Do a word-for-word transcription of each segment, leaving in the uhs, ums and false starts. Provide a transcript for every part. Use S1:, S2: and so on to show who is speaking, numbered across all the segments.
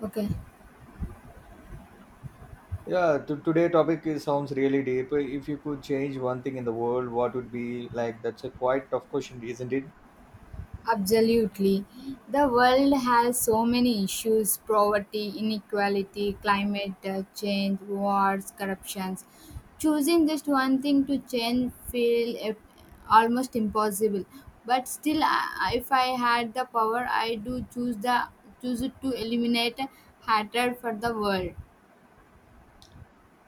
S1: Okay,
S2: Yeah, to today topic is, sounds really deep. If you could change one thing in the world, what would be like? That's a quite tough question, isn't it?
S1: absolutely. The world has so many issues: poverty, inequality, climate uh, change, wars, corruptions. Choosing just one thing to change feels almost impossible. But still, I, if I had the power, I do choose the choose it to eliminate hatred for the world.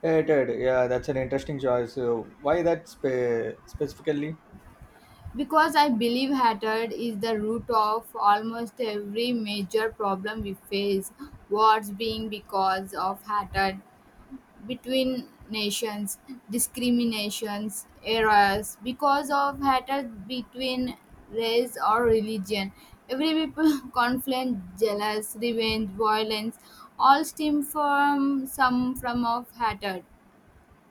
S2: Yeah, yeah, that's an interesting choice. Uh, why that spe- specifically?
S1: Because I believe hatred is the root of almost every major problem we face. Wars being because of hatred between nations, discriminations, errors, because of hatred between race or religion. Every people conflict, jealous, revenge, violence all stem from some form of hatred.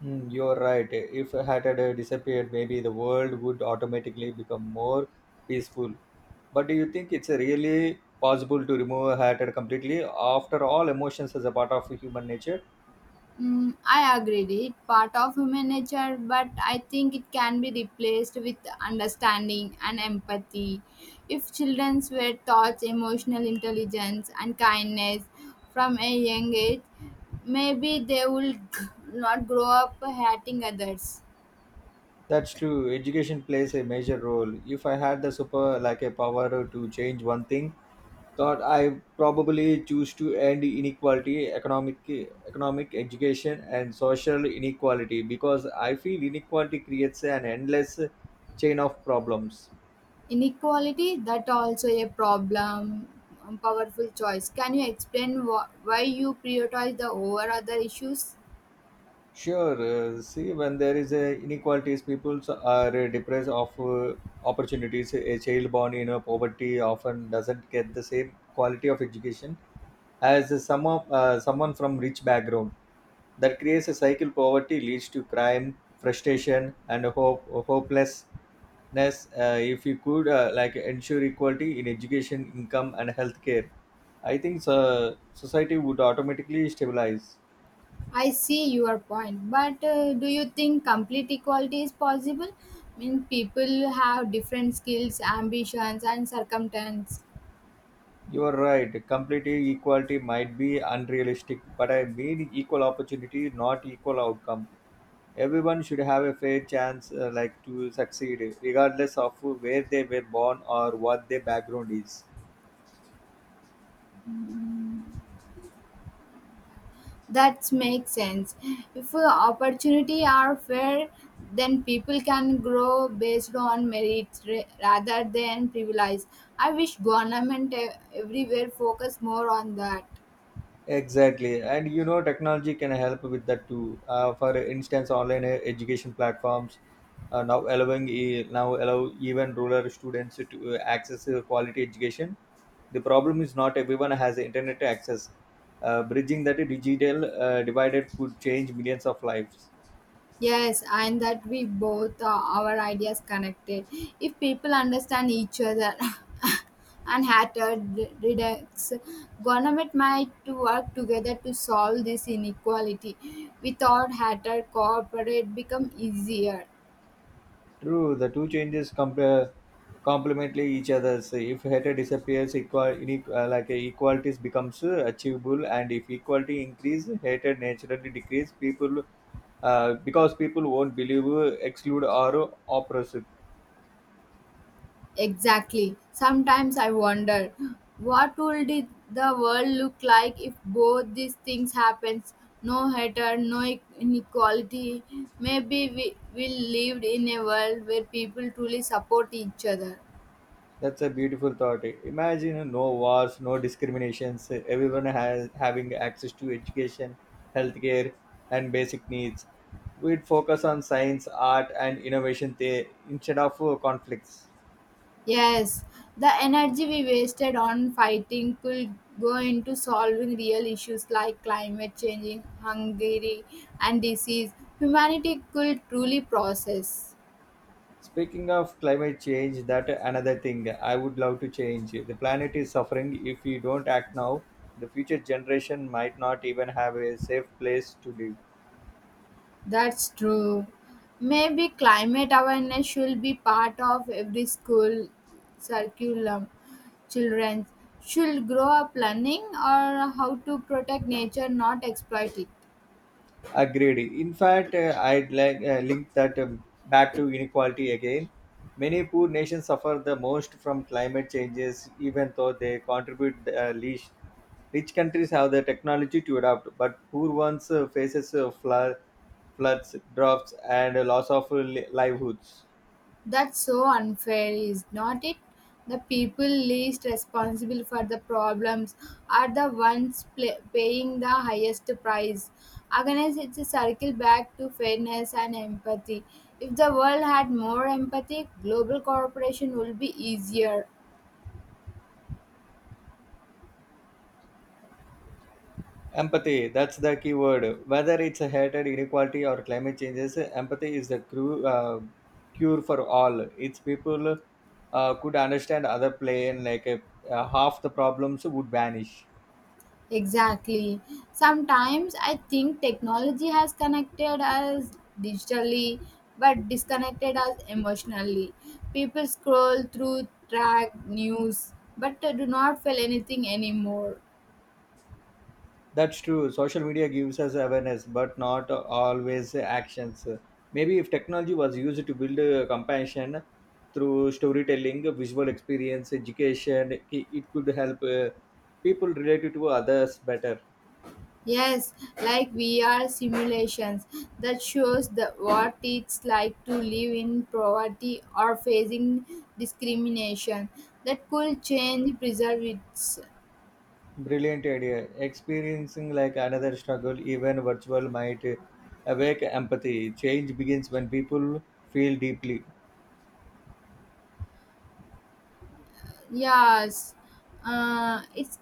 S2: Hmm, you're right. If hatred uh, disappeared, maybe the world would automatically become more peaceful. But do you think it's really possible to remove hatred completely? After all, emotions is a part of human nature.
S1: Mm, I agree. With It part of human nature, but I think it can be replaced with understanding and empathy. If children were taught emotional intelligence and kindness from a young age, maybe they will g- not grow up hating others.
S2: That's true. Education plays a major role. If I had the super like a power to change one thing, thought I probably choose to end inequality, economic economic education and social inequality because I feel inequality creates an endless chain of problems.
S1: Inequality that also a problem. Um, Powerful choice. Can you explain wh- why you prioritize the over other issues?
S2: Sure, uh, see when there is a inequalities, people are deprived of uh, opportunities. A child born in a poverty often doesn't get the same quality of education as a some of, uh, someone from rich background that creates a cycle poverty leads to crime frustration and hope hopelessness uh, if you could uh, like ensure equality in education income and healthcare I think uh, society would automatically stabilize.
S1: I see your point, but uh, do you think complete equality is possible? I mean, people have different skills, ambitions, and circumstances.
S2: You are right complete equality might be unrealistic but I mean equal opportunity not equal outcome. Everyone should have a fair chance uh, like to succeed regardless of where they were born or what their background is.
S1: That makes sense. If uh, opportunity are fair, then people can grow based on merit ra- rather than privilege. I wish government e- everywhere focus more on that.
S2: Exactly, and you know, technology can help with that too. Uh, for instance, online uh, education platforms uh, now allowing e- now allow even rural students to uh, access uh, quality education. The problem is not everyone has internet access. Uh, bridging that digital uh, divided could change millions of lives.
S1: Yes, and that we both uh, our ideas connected. If people understand each other and hatred re- reduce, government might work together to solve this inequality. Without hatred, cooperate become easier.
S2: True, the two changes compare complemently each other. So if hatred disappears, equal inequ- uh, like uh, equalities becomes uh, achievable, and if equality increase, hatred naturally decrease. People, uh, because people won't believe, uh, exclude, or oppress.
S1: Exactly. Sometimes I wonder what would it- the world look like if both these things happens? No hatred, no e- inequality. Maybe we will live in a world where people truly support each other.
S2: That's a beautiful thought. Imagine uh, no wars, no discriminations. uh, Everyone has having access to education, healthcare, and basic needs. We'd focus on science, art, and innovation there instead of uh, conflicts.
S1: Yes, the energy we wasted on fighting could go into solving real issues like climate change, hunger, and disease. Humanity could truly process.
S2: Speaking of climate change, that another thing I would love to change. The planet is suffering. If we don't act now, the future generation might not even have a safe place to live.
S1: That's true. Maybe climate awareness should be part of every school curriculum. Children should grow up learning or how to protect nature, not exploit it.
S2: Agreed. In fact, uh, I'd like uh, link that um, back to inequality again. Many poor nations suffer the most from climate changes, even though they contribute the uh, least. Rich countries have the technology to adapt, but poor ones uh, faces uh, flood, floods, droughts, and uh, loss of uh, li- livelihoods.
S1: That's so unfair, is not it? The people least responsible for the problems are the ones pla paying the highest price. Again, it's a circle back to fairness and empathy. If the world had more empathy, global cooperation would be easier.
S2: Empathy, that's the key word. Whether it's a hatred, inequality, or climate changes, empathy is the cru- uh, cure for all. Its people uh, could understand other plane, like uh, uh, half the problems would vanish.
S1: Exactly. Sometimes I think technology has connected us digitally but disconnected us emotionally. People scroll through track news but they do not feel anything anymore.
S2: That's true. Social media gives us awareness, but not always actions. Maybe if technology was used to build uh, compassion through storytelling, visual experience, education, it it could help uh, people relate to others better.
S1: Yes, like V R simulations that shows the what it's like to live in poverty or facing discrimination. That could change preserve it.
S2: Brilliant idea. Experiencing like another struggle, even virtual, might awake empathy. Change begins when people feel deeply.
S1: Yes, uh, it's.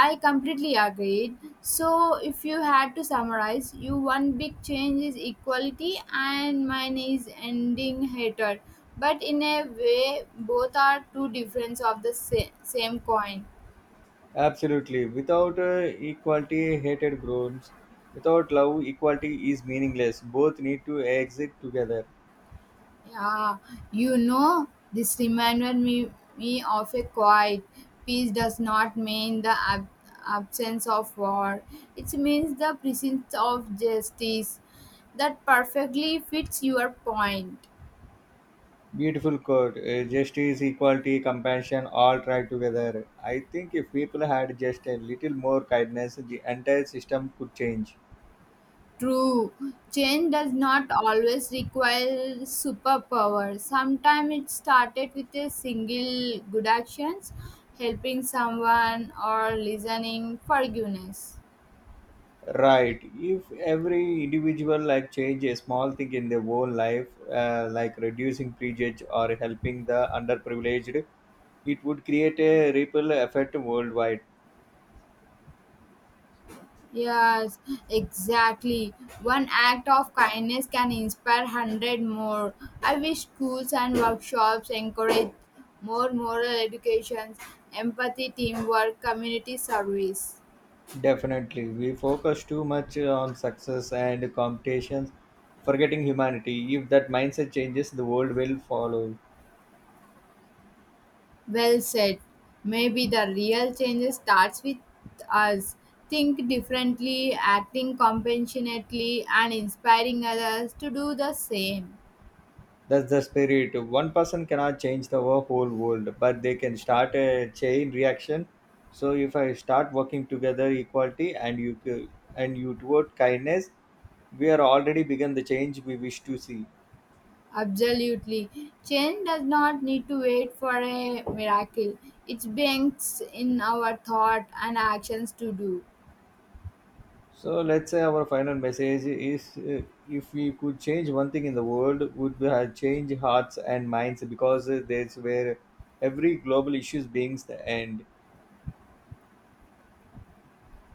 S1: I completely agreed. So, if you had to summarize, you one big change is equality, and mine is ending hatred. But in a way, both are two difference of the sa- same coin.
S2: Absolutely. Without uh, equality, hatred grows. Without love, equality is meaningless. Both need to exist together.
S1: Yeah, you know, this reminded me, me of a quiet. Peace does not mean the ab- absence of war, it means the presence of justice. That perfectly fits your point.
S2: Beautiful quote. Uh, justice, equality, compassion, all try together. I think if people had just a little more kindness, the entire system could change.
S1: True, change does not always require superpower. Sometimes it started with a single good actions, helping someone or listening forgiveness.
S2: Right. If every individual like change a small thing in their own life, uh, like reducing prejudice or helping the underprivileged, it would create a ripple effect worldwide.
S1: Yes, exactly. One act of kindness can inspire hundred more. I wish schools and workshops encourage more moral education, empathy, teamwork, community service.
S2: Definitely, we focus too much on success and competitions, forgetting humanity. If that mindset changes, the world will follow.
S1: Well said. Maybe the real change starts with us. Think differently, acting compassionately, and inspiring others to do the same.
S2: That's the spirit. One person cannot change the wo- whole world, but they can start a chain reaction. So if I start working together, equality, and you c- and you toward kindness, we are already begun the change we wish to see.
S1: Absolutely. Change does not need to wait for a miracle. It banks in our thought and actions to do.
S2: So let's say our final message is: uh, if we could change one thing in the world, would we have changed hearts and minds because uh, that's where every global issue begins. The end.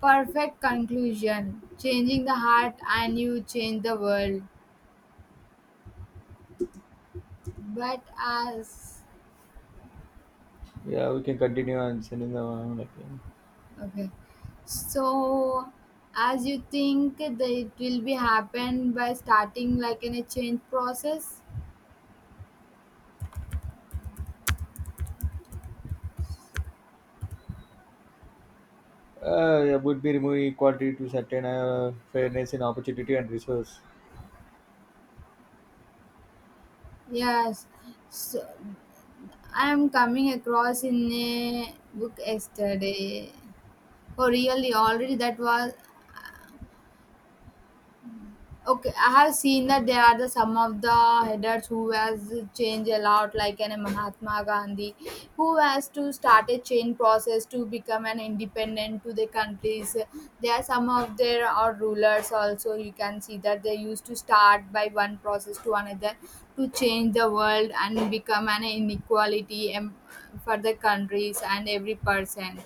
S1: Perfect conclusion. Changing the heart and you change the world. But as
S2: Yeah, we can continue and sending the okay.
S1: okay. So as you think that it will be happen by starting like in a change process?
S2: Uh, would be removing equality to certain uh, fairness in opportunity and resource.
S1: Yes. So I am coming across in a book yesterday. Oh, really? Already that was okay. I have seen that there are the some of the headers who has changed a lot, like an Mahatma Gandhi, who has to start a change process to become an independent to the countries. There are some of their or rulers also. You can see that they used to start by one process to another to change the world and become an inequality em- for the countries and every person.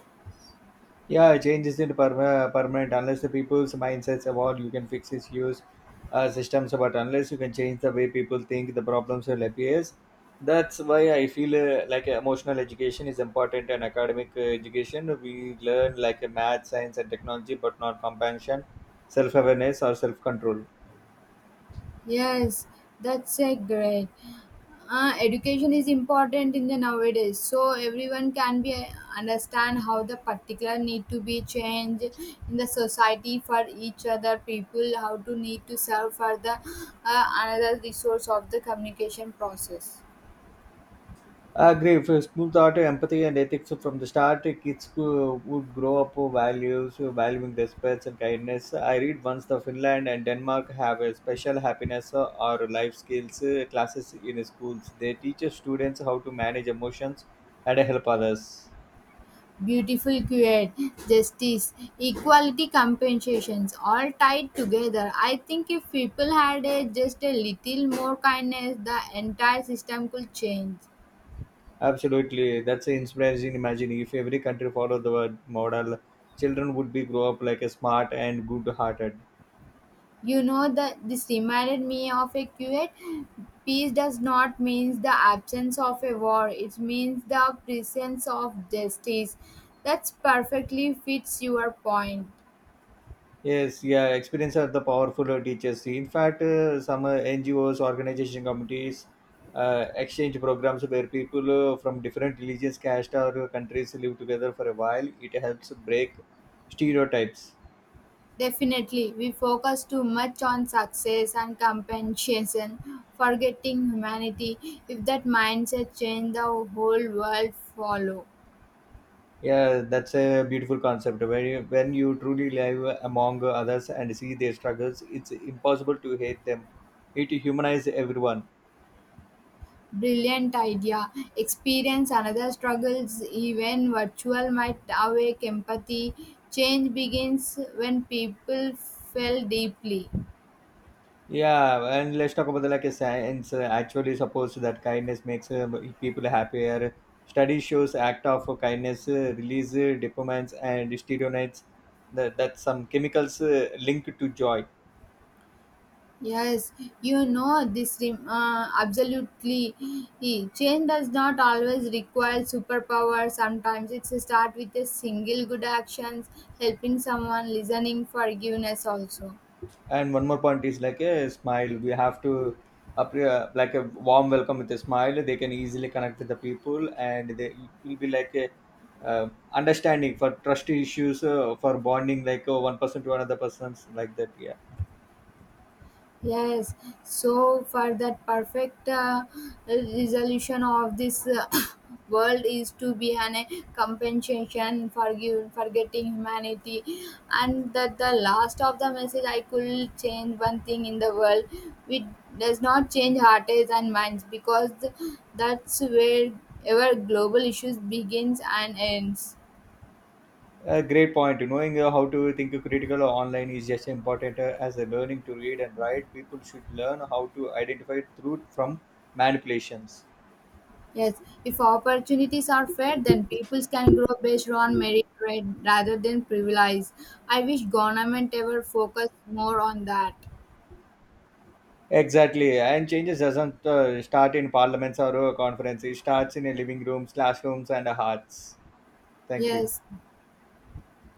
S2: Yeah, change isn't perma- permanent unless the people's mindsets evolve. You can fix issues, uh, systems, but unless you can change the way people think, the problems will appear. That's why I feel uh, like emotional education is important and academic uh, education. We learn like uh, math, science, and technology, but not compassion, self awareness, or self control.
S1: Yes, that's a great. Uh, education is important in the nowadays so everyone can be uh, understand how the particular need to be changed in the society for each other people how to need to serve for the uh, another resource of the communication process.
S2: Agree. If school taught empathy and ethics from the start, kids uh, would grow up with values, uh, valuing respect and kindness. I read once the Finland and Denmark have a special happiness uh, or life skills uh, classes in schools. They teach students how to manage emotions and help others.
S1: Beautiful create justice equality compensations all tied together. I think if people had a, just a little more kindness the entire system could change.
S2: Absolutely, that's inspiring. Imagine if every country followed the model, children would be grow up like a smart and good-hearted.
S1: You know that this reminded me of a quote. Peace does not mean the absence of a war. It means the presence of justice. That's perfectly fits your point.
S2: Yes, yeah, experience are the powerful uh, teachers. In fact, uh, some uh, N G Os, organization committees, uh, exchange programs where people uh, from different religions, caste, or uh, countries live together for a while. It helps break stereotypes.
S1: Definitely, we focus too much on success and compensation, forgetting humanity. If that mindset change, the whole world follow.
S2: Yeah, that's a beautiful concept. When you, when you truly live among others and see their struggles, it's impossible to hate them. It humanizes everyone.
S1: Brilliant idea. Experience another struggles, even virtual, might awake empathy. Change begins when people feel deeply.
S2: Yeah, and let's talk about the like a science uh, actually suppose that kindness makes uh, people happier. Study shows act of kindness uh, release uh, dopamines and steroids that that some chemicals uh, linked to joy.
S1: Yes, you know this rem- uh, absolutely. Eh, Change does not always require superpower. Sometimes it starts with a single good actions, helping someone, listening, forgiveness also.
S2: And one more point is like a smile. We have to up, uh, like a warm welcome with a smile. They can easily connect with the people, and they will be like a uh, understanding for trust issues uh, for bonding like uh, one person to another person's like that. Yeah.
S1: Yes, so for that perfect uh, resolution of this uh, world is to be an a compensation for you forgetting humanity, and that the last of the message I could change one thing in the world, which does not change hearts and minds because th- that's where ever global issues begins and ends.
S2: A great point. Knowing uh, how to think critical online is just important uh, as uh, learning to read and write. People should learn how to identify truth from manipulations.
S1: Yes, if opportunities are fair, then people can grow based on merit rate rather than privilege. I wish government ever focused more on that.
S2: Exactly, and changes doesn't uh, start in parliaments or uh, conferences. It starts in a living rooms, classrooms, and uh, hearts. Thank you.
S1: Yes,